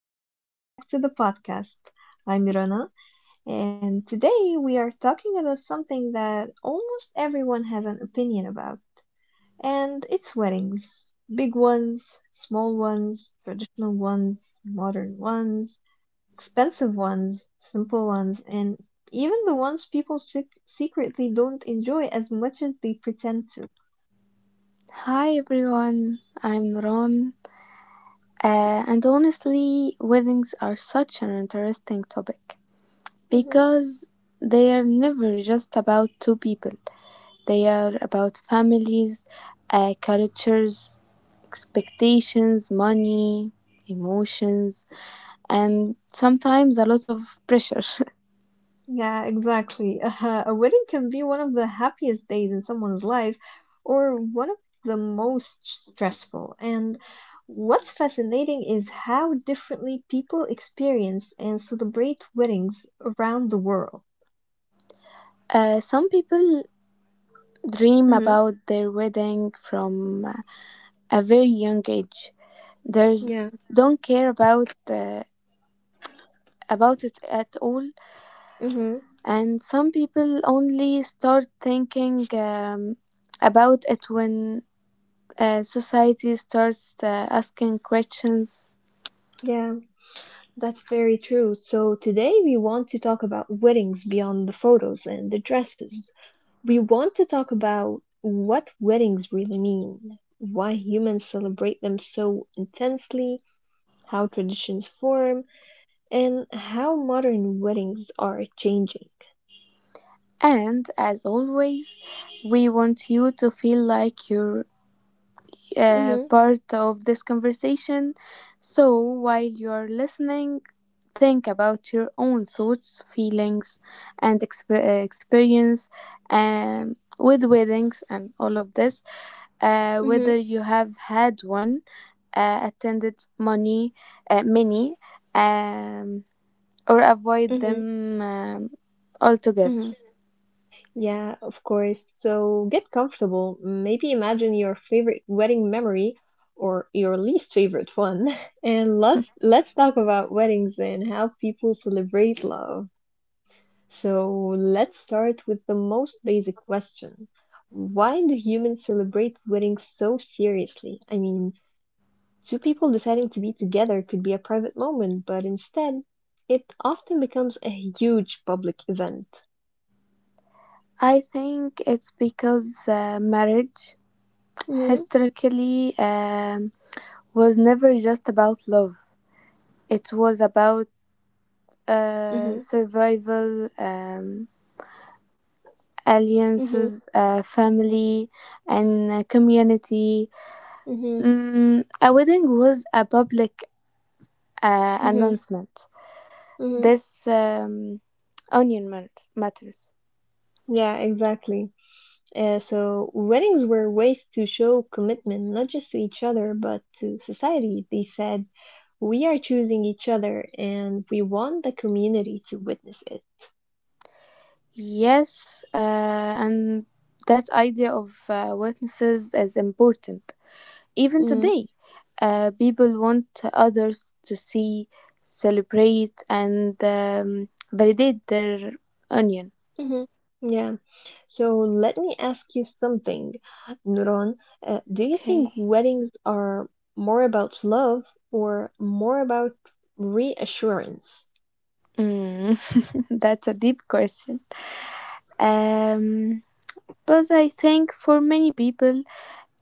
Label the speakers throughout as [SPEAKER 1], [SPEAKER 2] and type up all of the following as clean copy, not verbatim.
[SPEAKER 1] and welcome back to the podcast. I'm Irana, and today we are talking about something that almost everyone has an opinion about, and it's weddings. Big ones, small ones, traditional ones, modern ones, expensive ones, simple ones, and even the ones people secretly don't enjoy as much as they pretend to.
[SPEAKER 2] Hi everyone, I'm Ron. And honestly, weddings are such an interesting topic because they are never just about two people, they are about families, cultures, expectations, money, emotions, and sometimes a lot of pressure.
[SPEAKER 1] Yeah, exactly. A wedding can be one of the happiest days in someone's life or one of the most stressful. And what's fascinating is how differently people experience and celebrate weddings around the world.
[SPEAKER 2] Some people dream
[SPEAKER 1] hmm
[SPEAKER 2] about their wedding from a very young age. There's
[SPEAKER 1] Yeah.
[SPEAKER 2] don't care about about it at all,
[SPEAKER 1] hmm
[SPEAKER 2] and some people only start thinking about it when society starts asking questions.
[SPEAKER 1] Yeah, that's very true. So today we want to talk about weddings beyond the photos and the dresses. We want to talk about what weddings really mean, why humans celebrate them so intensely, how traditions form, and how modern weddings are changing.
[SPEAKER 2] And as always, we want you to feel like you're
[SPEAKER 1] Mhm,
[SPEAKER 2] part of this conversation. So while you're listening, think about your own thoughts, feelings, and experience with weddings and all of this.
[SPEAKER 1] mhm,
[SPEAKER 2] Whether you have had one, attended money, many, um, or avoid
[SPEAKER 1] mhm,
[SPEAKER 2] them altogether.
[SPEAKER 1] mhm. Yeah, of course. So get comfortable. Maybe imagine your favorite wedding memory or your least favorite one. And let's talk about weddings and how people celebrate love. So let's start with the most basic question. Why do humans celebrate weddings so seriously? I mean, two people deciding to be together could be a private moment, but instead, it often becomes a huge public event.
[SPEAKER 2] I think it's because marriage
[SPEAKER 1] Mm-hmm,
[SPEAKER 2] historically. Was never just about love. It was about
[SPEAKER 1] mm-hmm,
[SPEAKER 2] survival,
[SPEAKER 1] mm-hmm,
[SPEAKER 2] alliances, family, and community.
[SPEAKER 1] mm-hmm,
[SPEAKER 2] Mm, a wedding was a public
[SPEAKER 1] mm-hmm.
[SPEAKER 2] announcement.
[SPEAKER 1] Mm-hmm.
[SPEAKER 2] This matters.
[SPEAKER 1] Yeah, exactly. So weddings were ways to show commitment, not just to each other, but to society. They said, we are choosing each other and we want the community to witness it.
[SPEAKER 2] Yes, and that idea of witnesses is important. Even
[SPEAKER 1] Mm,
[SPEAKER 2] today, people want others to see, celebrate, and validate their union.
[SPEAKER 1] mhm. Yeah. So let me ask you something, Nuron. Do you think
[SPEAKER 2] Okay.
[SPEAKER 1] weddings are more about love or more about reassurance?
[SPEAKER 2] Mm, that's a deep question. Um, but I think for many people,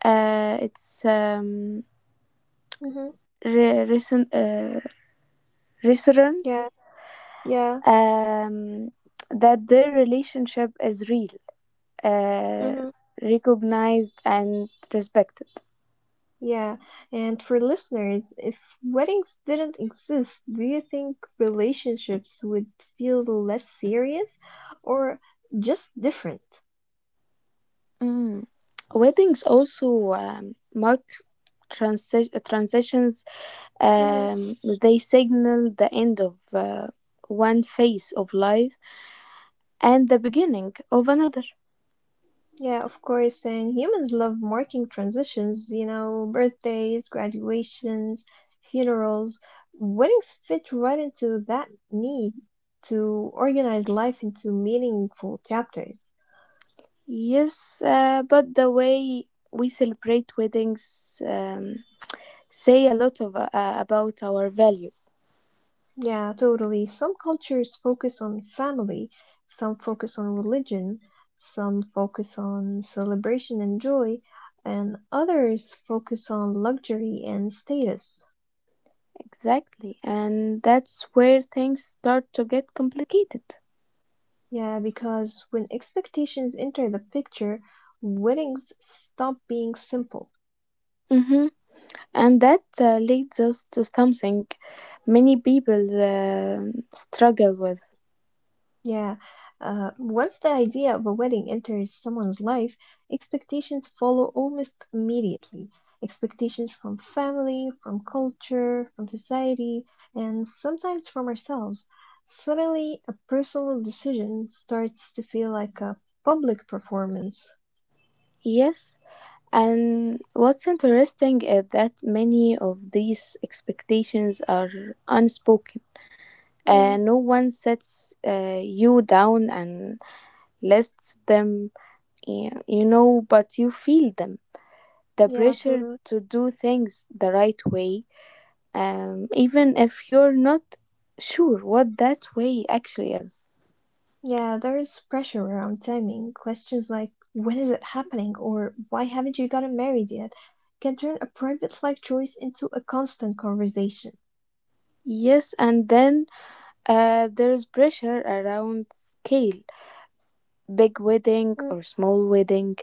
[SPEAKER 2] it's
[SPEAKER 1] Mm-hmm.
[SPEAKER 2] re- reason, uh, reassurance
[SPEAKER 1] Yeah. Yeah.
[SPEAKER 2] um, that their relationship is real, uh,
[SPEAKER 1] Mm-hmm.
[SPEAKER 2] recognized, and respected.
[SPEAKER 1] Yeah, and for listeners, if weddings didn't exist, do you think relationships would feel less serious or just different?
[SPEAKER 2] Mm. Weddings also mark transitions.
[SPEAKER 1] hmm
[SPEAKER 2] Um, they signal the end of one phase of life and the beginning of another.
[SPEAKER 1] Yeah, of course, and humans love marking transitions, you know, birthdays, graduations, funerals. Weddings fit right into that need to organize life into meaningful chapters.
[SPEAKER 2] Yes, but the way we celebrate weddings say a lot of about our values.
[SPEAKER 1] Yeah, totally. Some cultures focus on family, some focus on religion, some focus on celebration and joy, and others focus on luxury and status.
[SPEAKER 2] Exactly, and that's where things start to get complicated.
[SPEAKER 1] Yeah, because when expectations enter the picture, weddings stop being simple.
[SPEAKER 2] Mm-hmm. And that leads us to something many people struggle with.
[SPEAKER 1] Yeah, once the idea of a wedding enters someone's life, expectations follow almost immediately. Expectations from family, from culture, from society, and sometimes from ourselves. Suddenly, a personal decision starts to feel like a public performance.
[SPEAKER 2] Yes, and what's interesting is that many of these expectations are unspoken.
[SPEAKER 1] Mm,
[SPEAKER 2] No one sets you down and lists them, you know, but you feel them. The
[SPEAKER 1] yeah,
[SPEAKER 2] pressure
[SPEAKER 1] totally.
[SPEAKER 2] to do things the right way, even if you're not sure what that way actually is.
[SPEAKER 1] Yeah, there's pressure around timing. Questions like when is it happening or why haven't you gotten married yet can turn a private life choice into a constant conversation.
[SPEAKER 2] Yes, and then there's pressure around scale big wedding or small wedding,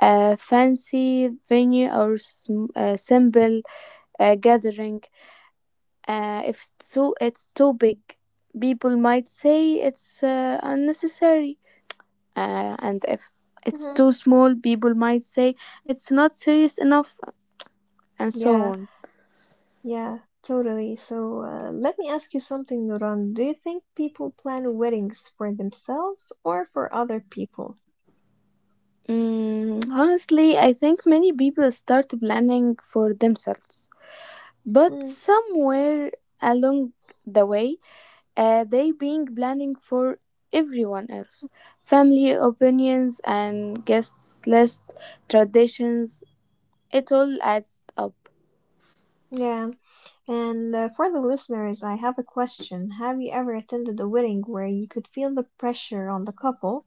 [SPEAKER 2] a fancy venue or a simple gathering. If it's too big, people might say it's unnecessary. And if it's
[SPEAKER 1] Mm-hmm.
[SPEAKER 2] too small, people might say it's not serious enough, and so
[SPEAKER 1] Yeah,
[SPEAKER 2] on.
[SPEAKER 1] yeah, totally. So let me ask you something, Nuran. Do you think people plan weddings for themselves or for other people?
[SPEAKER 2] Mm, honestly, I think many people start planning for themselves, but
[SPEAKER 1] Mm,
[SPEAKER 2] somewhere along the way, they being planning for everyone else. Family opinions and guests list, traditions, it all adds up.
[SPEAKER 1] yeah, and for the listeners, I have a question. Have you ever attended a wedding where you could feel the pressure on the couple?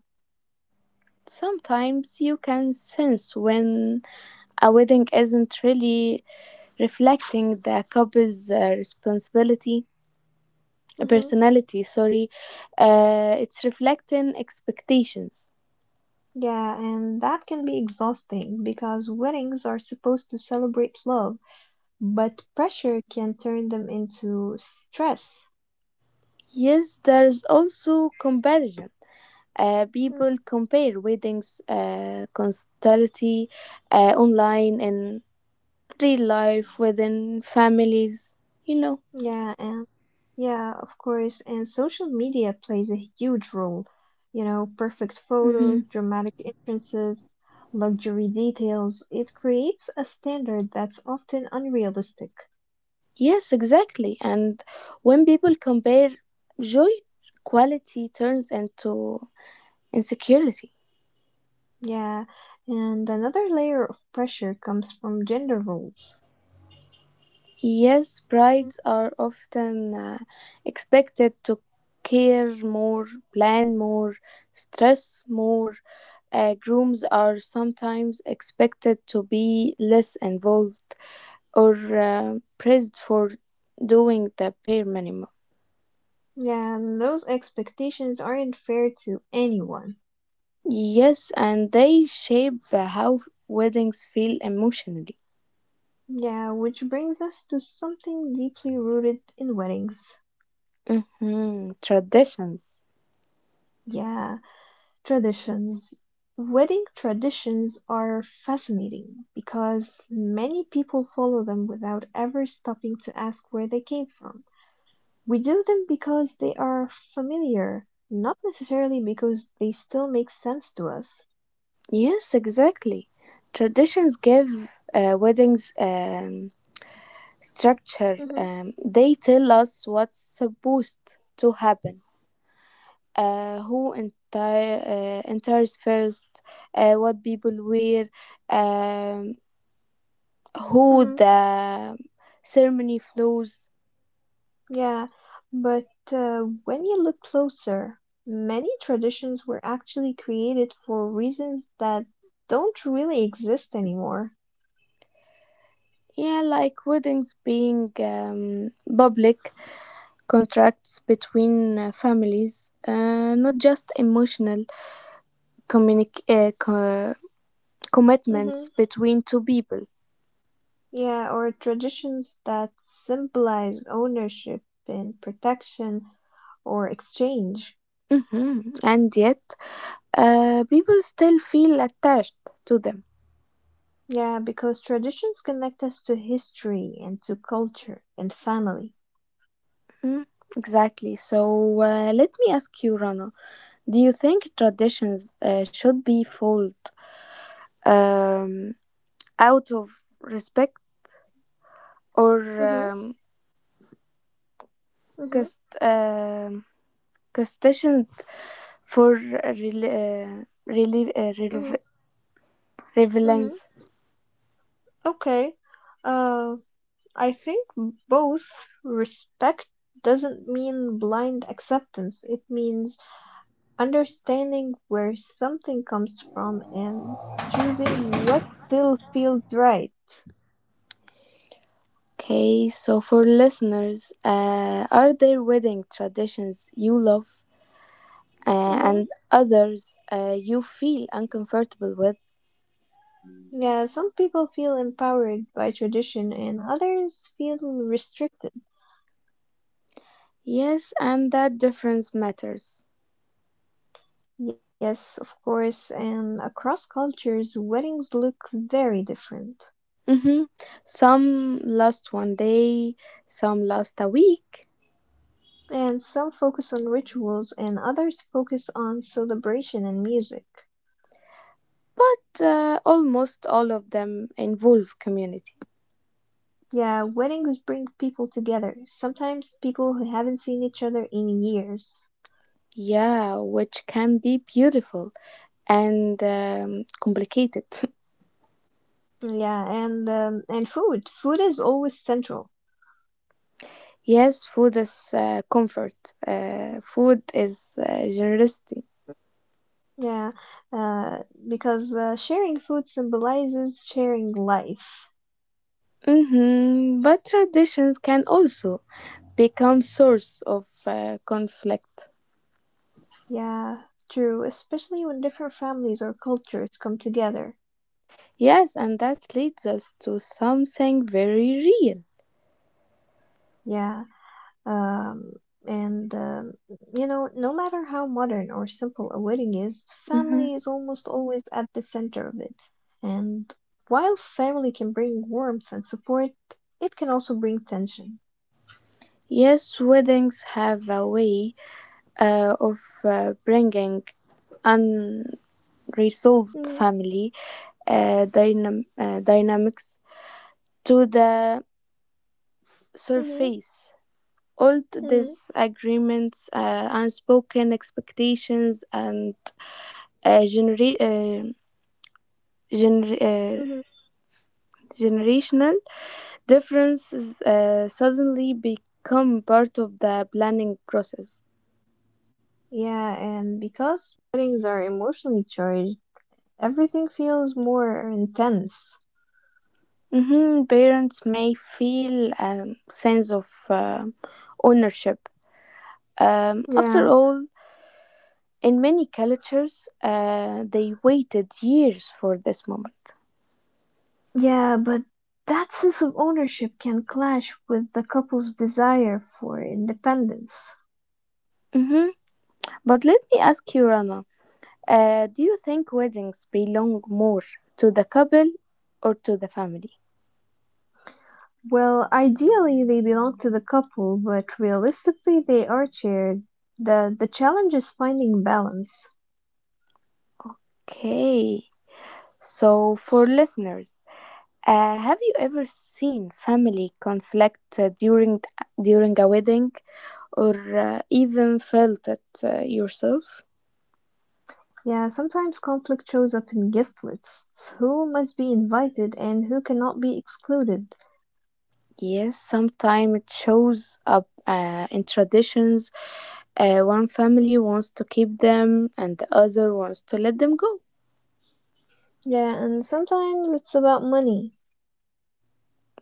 [SPEAKER 2] Sometimes you can sense when a wedding isn't really reflecting the couple's personality, sorry, it's reflecting expectations.
[SPEAKER 1] Yeah, and that can be exhausting because weddings are supposed to celebrate love, but pressure can turn them into stress.
[SPEAKER 2] Yes, there's also comparison.
[SPEAKER 1] Mm,
[SPEAKER 2] People compare weddings constantly online and real life within families, you know.
[SPEAKER 1] yeah, and yeah, of course, and social media plays a huge role. You know, perfect
[SPEAKER 2] Hmm.
[SPEAKER 1] photos, dramatic entrances, luxury details. It creates a standard that's often unrealistic.
[SPEAKER 2] Yes, exactly. And when people compare, joy quality turns into insecurity.
[SPEAKER 1] Yeah, and another layer of pressure comes from gender roles.
[SPEAKER 2] Yes, brides are often expected to care more, plan more, stress more. Grooms are sometimes expected to be less involved or praised for doing the bare minimum.
[SPEAKER 1] Yeah, and those expectations aren't fair to anyone.
[SPEAKER 2] Yes, and they shape how weddings feel emotionally.
[SPEAKER 1] Yeah, which brings us to something deeply rooted in weddings.
[SPEAKER 2] Hmm. Traditions.
[SPEAKER 1] Yeah, traditions. Wedding traditions are fascinating because many people follow them without ever stopping to ask where they came from. We do them because they are familiar, not necessarily because they still make sense to us.
[SPEAKER 2] Yes, exactly. Traditions give weddings structure.
[SPEAKER 1] Mm-hmm,
[SPEAKER 2] They tell us what's supposed to happen, uh, who enters first, what people wear, um, who
[SPEAKER 1] mm-hmm.
[SPEAKER 2] the ceremony flows.
[SPEAKER 1] Yeah, but when you look closer, many traditions were actually created for reasons that don't really exist anymore.
[SPEAKER 2] Yeah, like weddings being public contracts between families, not just emotional communic- uh, co-
[SPEAKER 1] hmm
[SPEAKER 2] commitments between two people.
[SPEAKER 1] Yeah, or traditions that symbolize ownership and protection or exchange.
[SPEAKER 2] Mhm. And yet, people still feel attached to them.
[SPEAKER 1] Yeah, because traditions connect us to history and to culture and family.
[SPEAKER 2] Mm, exactly. So let me ask you, Rana, do you think traditions should be followed um, out of respect or
[SPEAKER 1] Mm-hmm,
[SPEAKER 2] um,
[SPEAKER 1] mm-hmm,
[SPEAKER 2] cust- um custodian for
[SPEAKER 1] mm-hmm, mm-hmm.
[SPEAKER 2] relevance?
[SPEAKER 1] Okay. Uh, I think both respect doesn't mean blind acceptance. It means understanding where something comes from and choosing what still feels right.
[SPEAKER 2] Okay, so for listeners, are there wedding traditions you love? Uh, and
[SPEAKER 1] hmm
[SPEAKER 2] others you feel uncomfortable with.
[SPEAKER 1] Yeah, some people feel empowered by tradition and others feel restricted.
[SPEAKER 2] Yes, and that difference matters.
[SPEAKER 1] Yes, of course, and across cultures, weddings look very different.
[SPEAKER 2] Hmm. Some last one day, some last a week,
[SPEAKER 1] And some focus on rituals and others focus on celebration and music.
[SPEAKER 2] but almost all of them involve community.
[SPEAKER 1] Yeah, weddings bring people together. Sometimes people who haven't seen each other in years.
[SPEAKER 2] Yeah, which can be beautiful and complicated.
[SPEAKER 1] Yeah, and food. Food is always central.
[SPEAKER 2] Yes, food is comfort, food is generosity.
[SPEAKER 1] Yeah, uh, because uh, sharing food symbolizes sharing life.
[SPEAKER 2] Hmm. But traditions can also become source of conflict.
[SPEAKER 1] Yeah, true. Especially when different families or cultures come together.
[SPEAKER 2] Yes, and that leads us to something very real.
[SPEAKER 1] Yeah. Um, and you know, no matter how modern or simple a wedding is,
[SPEAKER 2] Hmm.
[SPEAKER 1] family is almost always at the center of it. And while family can bring warmth and support, it can also bring tension.
[SPEAKER 2] Yes, weddings have a way of bringing unresolved
[SPEAKER 1] Mm,
[SPEAKER 2] family dynamics to the
[SPEAKER 1] mhm,
[SPEAKER 2] surface. Old
[SPEAKER 1] mm,
[SPEAKER 2] disagreements, unspoken expectations, and uh, genera- uh, gener- uh,
[SPEAKER 1] mhm.
[SPEAKER 2] generational differences suddenly become part of the planning process.
[SPEAKER 1] Yeah, and because weddings are emotionally charged, everything feels more intense.
[SPEAKER 2] Mhm. Parents may feel a sense of ownership. After
[SPEAKER 1] Yeah,
[SPEAKER 2] all, in many cultures, they waited years for this moment.
[SPEAKER 1] yeah, but that sense of ownership can clash with the couple's desire for independence.
[SPEAKER 2] Mhm. But let me ask you, Rana, do you think weddings belong more to the couple or to the family?
[SPEAKER 1] Well, ideally they belong to the couple, but realistically they are shared. The challenge is finding balance.
[SPEAKER 2] Okay. So, for listeners, uh, have you ever seen family conflict during a wedding, or even felt it yourself?
[SPEAKER 1] Yeah, sometimes conflict shows up in guest lists. Who must be invited and who cannot be excluded?
[SPEAKER 2] Yes, sometimes it shows up in traditions. One family wants to keep them, and the other wants to let them go.
[SPEAKER 1] Yeah, and sometimes it's about money.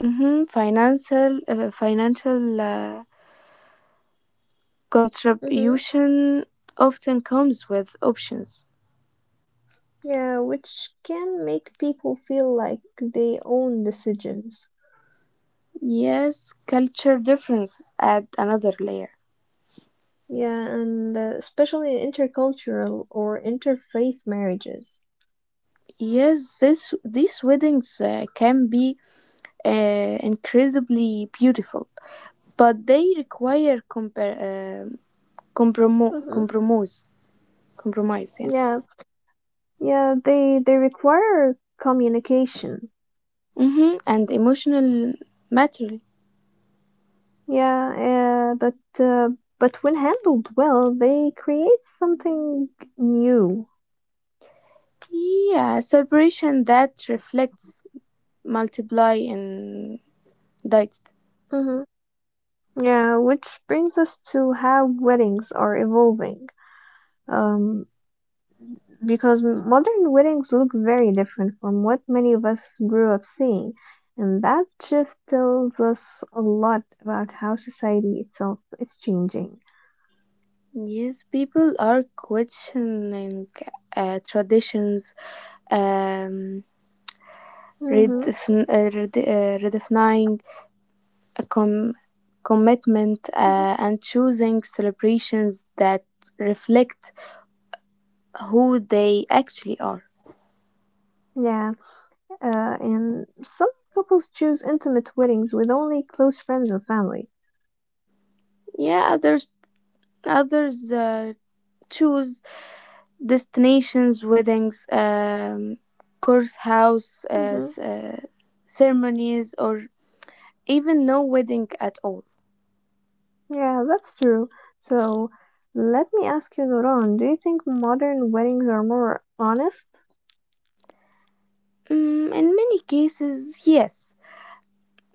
[SPEAKER 2] Mm-hmm. Financial
[SPEAKER 1] Mm-hmm.
[SPEAKER 2] contribution often comes with options.
[SPEAKER 1] Yeah, which can make people feel like they own decisions.
[SPEAKER 2] Yes, culture difference add another layer.
[SPEAKER 1] Yeah, and especially in intercultural or interfaith marriages.
[SPEAKER 2] Yes, this these weddings can be incredibly beautiful, but they require um
[SPEAKER 1] Mm-hmm.
[SPEAKER 2] compromise, compromise, yeah,
[SPEAKER 1] Yeah, they require communication.
[SPEAKER 2] hmm and emotional maturity.
[SPEAKER 1] Yeah, but when handled well, they create something new.
[SPEAKER 2] Yeah, a celebration that reflects, multiply, and diet.
[SPEAKER 1] hmm Yeah, which brings us to how weddings are evolving. Um, because modern weddings look very different from what many of us grew up seeing, and that shift tells us a lot about how society itself is changing.
[SPEAKER 2] Yes, people are questioning traditions, um,
[SPEAKER 1] hmm
[SPEAKER 2] redefin- uh, rede- uh, redefining a commitment
[SPEAKER 1] hmm
[SPEAKER 2] and choosing celebrations that reflect who they actually are.
[SPEAKER 1] Yeah. And some couples choose intimate weddings with only close friends and family.
[SPEAKER 2] Yeah, others uh, choose destinations, weddings, course house
[SPEAKER 1] hmm
[SPEAKER 2] uh, s- uh, ceremonies, or even no wedding at all.
[SPEAKER 1] Yeah, that's true. So, let me ask you, Noron, do you think modern weddings are more honest?
[SPEAKER 2] Mm, in many cases, yes,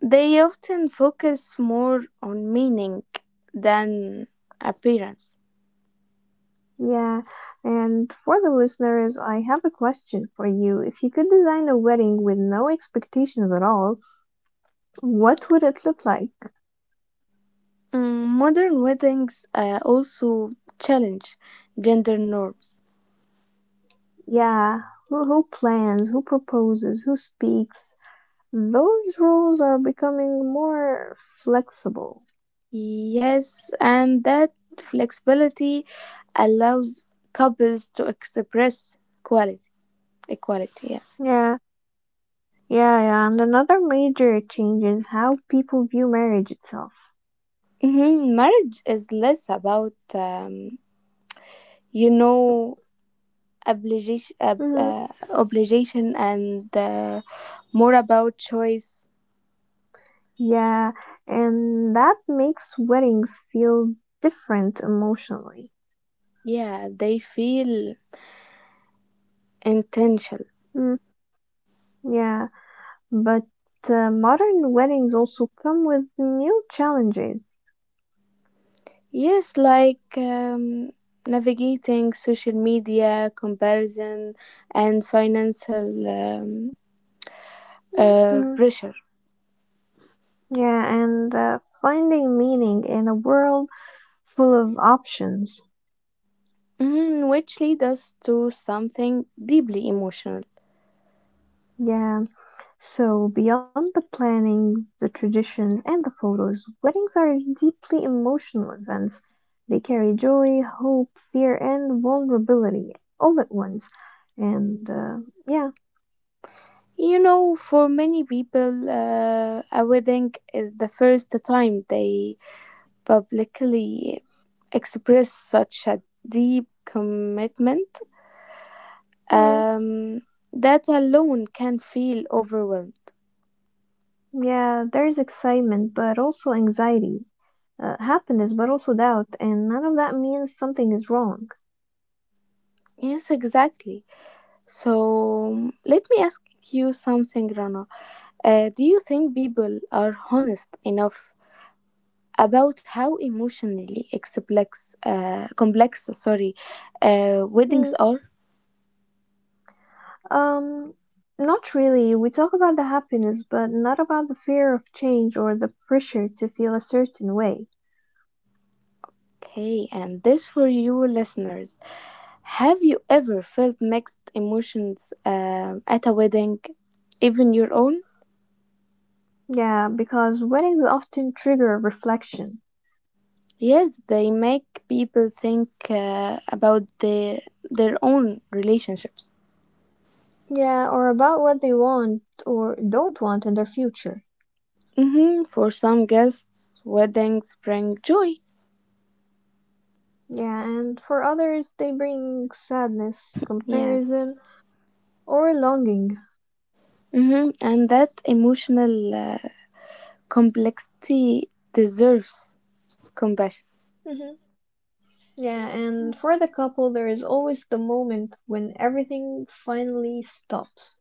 [SPEAKER 2] they often focus more on meaning than appearance.
[SPEAKER 1] Yeah, and for the listeners, I have a question for you. If you could design a wedding with no expectations at all, what would it look like?
[SPEAKER 2] Mm, modern weddings also challenge gender norms.
[SPEAKER 1] Yeah, who plans, who proposes, who speaks? Those rules are becoming more flexible.
[SPEAKER 2] Yes, and that flexibility allows couples to express quality, equality. Yes,
[SPEAKER 1] Yeah, yeah, yeah. And another major change is how people view marriage itself.
[SPEAKER 2] hmm marriage is less about you know
[SPEAKER 1] hmm
[SPEAKER 2] obligation, and more about choice.
[SPEAKER 1] Yeah, and that makes weddings feel different emotionally.
[SPEAKER 2] Yeah, they feel intentional.
[SPEAKER 1] Mm, yeah, but modern weddings also come with new challenges.
[SPEAKER 2] Yes, like navigating social media, comparison, and financial
[SPEAKER 1] Mm,
[SPEAKER 2] pressure.
[SPEAKER 1] yeah, and uh, finding meaning in a world full of options.
[SPEAKER 2] Mhm, which lead us to something deeply emotional.
[SPEAKER 1] Yeah. So, beyond the planning, the traditions, and the photos, weddings are deeply emotional events. They carry joy, hope, fear, and vulnerability all at once. And uh, yeah,
[SPEAKER 2] You know, for many people, a wedding is the first time they publicly express such a deep commitment,
[SPEAKER 1] mm,
[SPEAKER 2] um, that alone can feel overwhelmed.
[SPEAKER 1] yeah, there's excitement, but also anxiety, happiness, but also doubt, and none of that means something is wrong.
[SPEAKER 2] Yes, exactly. So let me ask you something, Rana. Do you think people are honest enough about how emotionally complex, sorry, weddings
[SPEAKER 1] Mm.
[SPEAKER 2] are?
[SPEAKER 1] Um, not really. We talk about the happiness, but not about the fear of change or the pressure to feel a certain way.
[SPEAKER 2] Okay, and this for you listeners. Have you ever felt mixed emotions at a wedding, even your own?
[SPEAKER 1] Yeah, because weddings often trigger reflection.
[SPEAKER 2] Yes, they make people think about their own relationships.
[SPEAKER 1] Yeah, or about what they want or don't want in their future.
[SPEAKER 2] Hmm. For some guests, weddings bring joy.
[SPEAKER 1] Yeah, and for others, they bring sadness, comparison,
[SPEAKER 2] Yes.
[SPEAKER 1] or longing.
[SPEAKER 2] Hmm. And that emotional complexity deserves compassion.
[SPEAKER 1] hmm Yeah, and for the couple, there is always the moment when everything finally stops.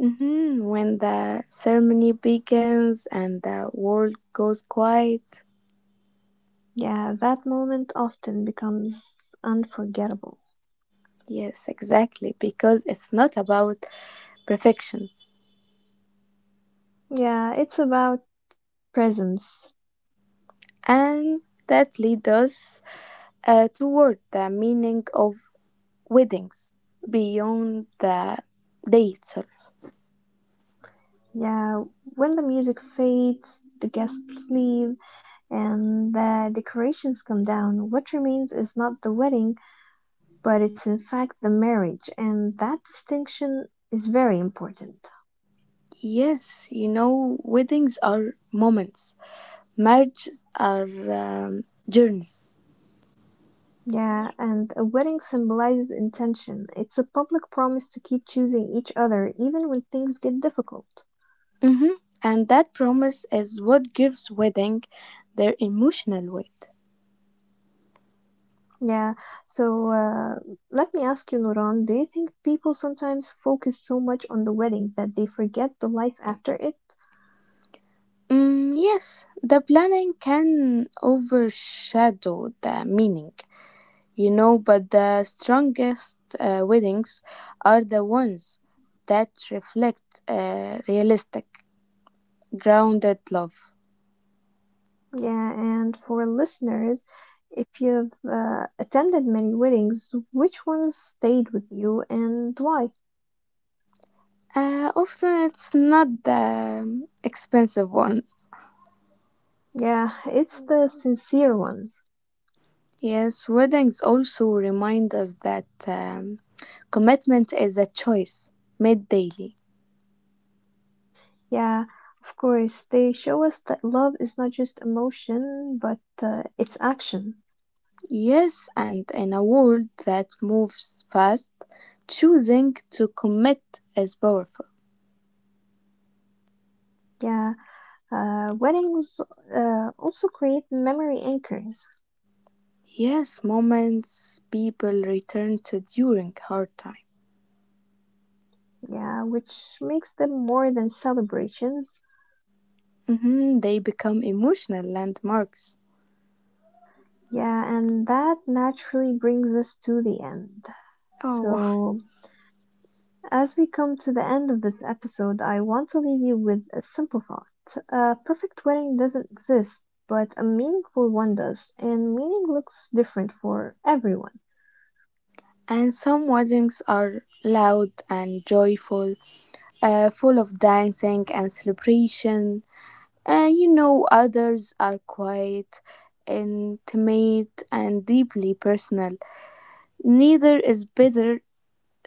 [SPEAKER 2] Hmm. When the ceremony begins and the world goes quiet.
[SPEAKER 1] Yeah, that moment often becomes unforgettable.
[SPEAKER 2] Yes, exactly. Because it's not about perfection.
[SPEAKER 1] Yeah, it's about presence.
[SPEAKER 2] And that leads us toward the meaning of weddings beyond the dates.
[SPEAKER 1] Yeah, when the music fades, the guests leave, and the decorations come down. What remains is not the wedding, but it's in fact the marriage, and that distinction is very important.
[SPEAKER 2] Yes, you know, weddings are moments, marriages are journeys.
[SPEAKER 1] Yeah, and a wedding symbolizes intention. It's a public promise to keep choosing each other even when things get difficult.
[SPEAKER 2] Mhm. And that promise is what gives wedding their emotional weight.
[SPEAKER 1] Yeah, so let me ask you, Nuran, do you think people sometimes focus so much on the wedding that they forget the life after it?
[SPEAKER 2] Mm, yes, the planning can overshadow the meaning, you know, but the strongest weddings are the ones that reflect realistic, grounded love.
[SPEAKER 1] Yeah, and for listeners, if you've attended many weddings, which ones stayed with you and why?
[SPEAKER 2] Often it's not the expensive ones.
[SPEAKER 1] Yeah, it's the sincere ones.
[SPEAKER 2] Yes, weddings also remind us that commitment is a choice made daily.
[SPEAKER 1] Yeah, of course, they show us that love is not just emotion, but it's action.
[SPEAKER 2] Yes, and in a world that moves fast, choosing to commit is powerful.
[SPEAKER 1] Yeah, weddings also create memory anchors.
[SPEAKER 2] Yes, moments people return to during hard time.
[SPEAKER 1] Yeah, which makes them more than celebrations.
[SPEAKER 2] Mhm, they become emotional landmarks.
[SPEAKER 1] Yeah, and that naturally brings us to the end.
[SPEAKER 2] Oh,
[SPEAKER 1] So, as we come to the end of this episode, I want to leave you with a simple thought. A perfect wedding doesn't exist, but a meaningful one does, and meaning looks different for everyone.
[SPEAKER 2] and some weddings are loud and joyful, full of dancing and celebration. You know, others are quiet, intimate, and deeply personal. Neither is better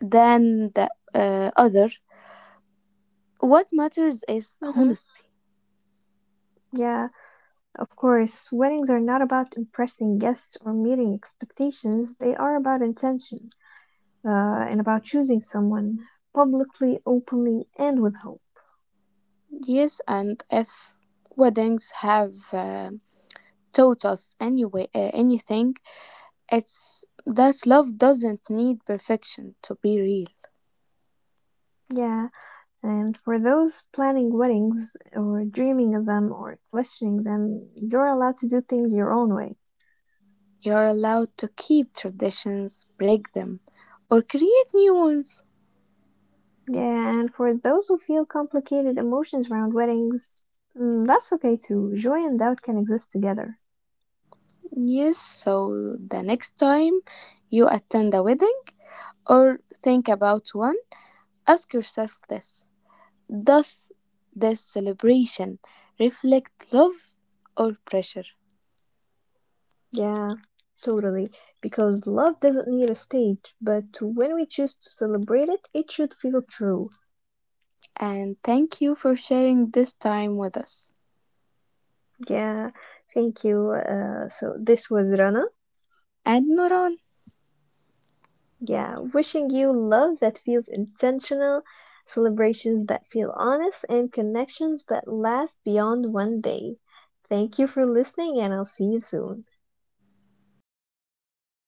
[SPEAKER 2] than the other. What matters is
[SPEAKER 1] hmm
[SPEAKER 2] honesty.
[SPEAKER 1] Yeah, of course, weddings are not about impressing guests or meeting expectations. They are about intention, and about choosing someone publicly, openly, and with hope.
[SPEAKER 2] Yes, and if weddings have taught us anything, it's that love doesn't need perfection to be real.
[SPEAKER 1] Yeah, and for those planning weddings or dreaming of them or questioning them, you're allowed to do things your own way.
[SPEAKER 2] You're allowed to keep traditions, break them, or create new ones.
[SPEAKER 1] Yeah, and for those who feel complicated emotions around weddings, mm, that's okay too. Joy and doubt can exist together.
[SPEAKER 2] Yes, so the next time you attend a wedding or think about one, ask yourself this. Does this celebration reflect love or pressure?
[SPEAKER 1] Yeah, totally. Because love doesn't need a stage, but when we choose to celebrate it, it should feel true.
[SPEAKER 2] And thank you for sharing this time with us.
[SPEAKER 1] Yeah, thank you. So this was Rana.
[SPEAKER 2] And Noran.
[SPEAKER 1] Yeah, wishing you love that feels intentional, celebrations that feel honest, and connections that last beyond one day. Thank you for listening, and I'll see you soon.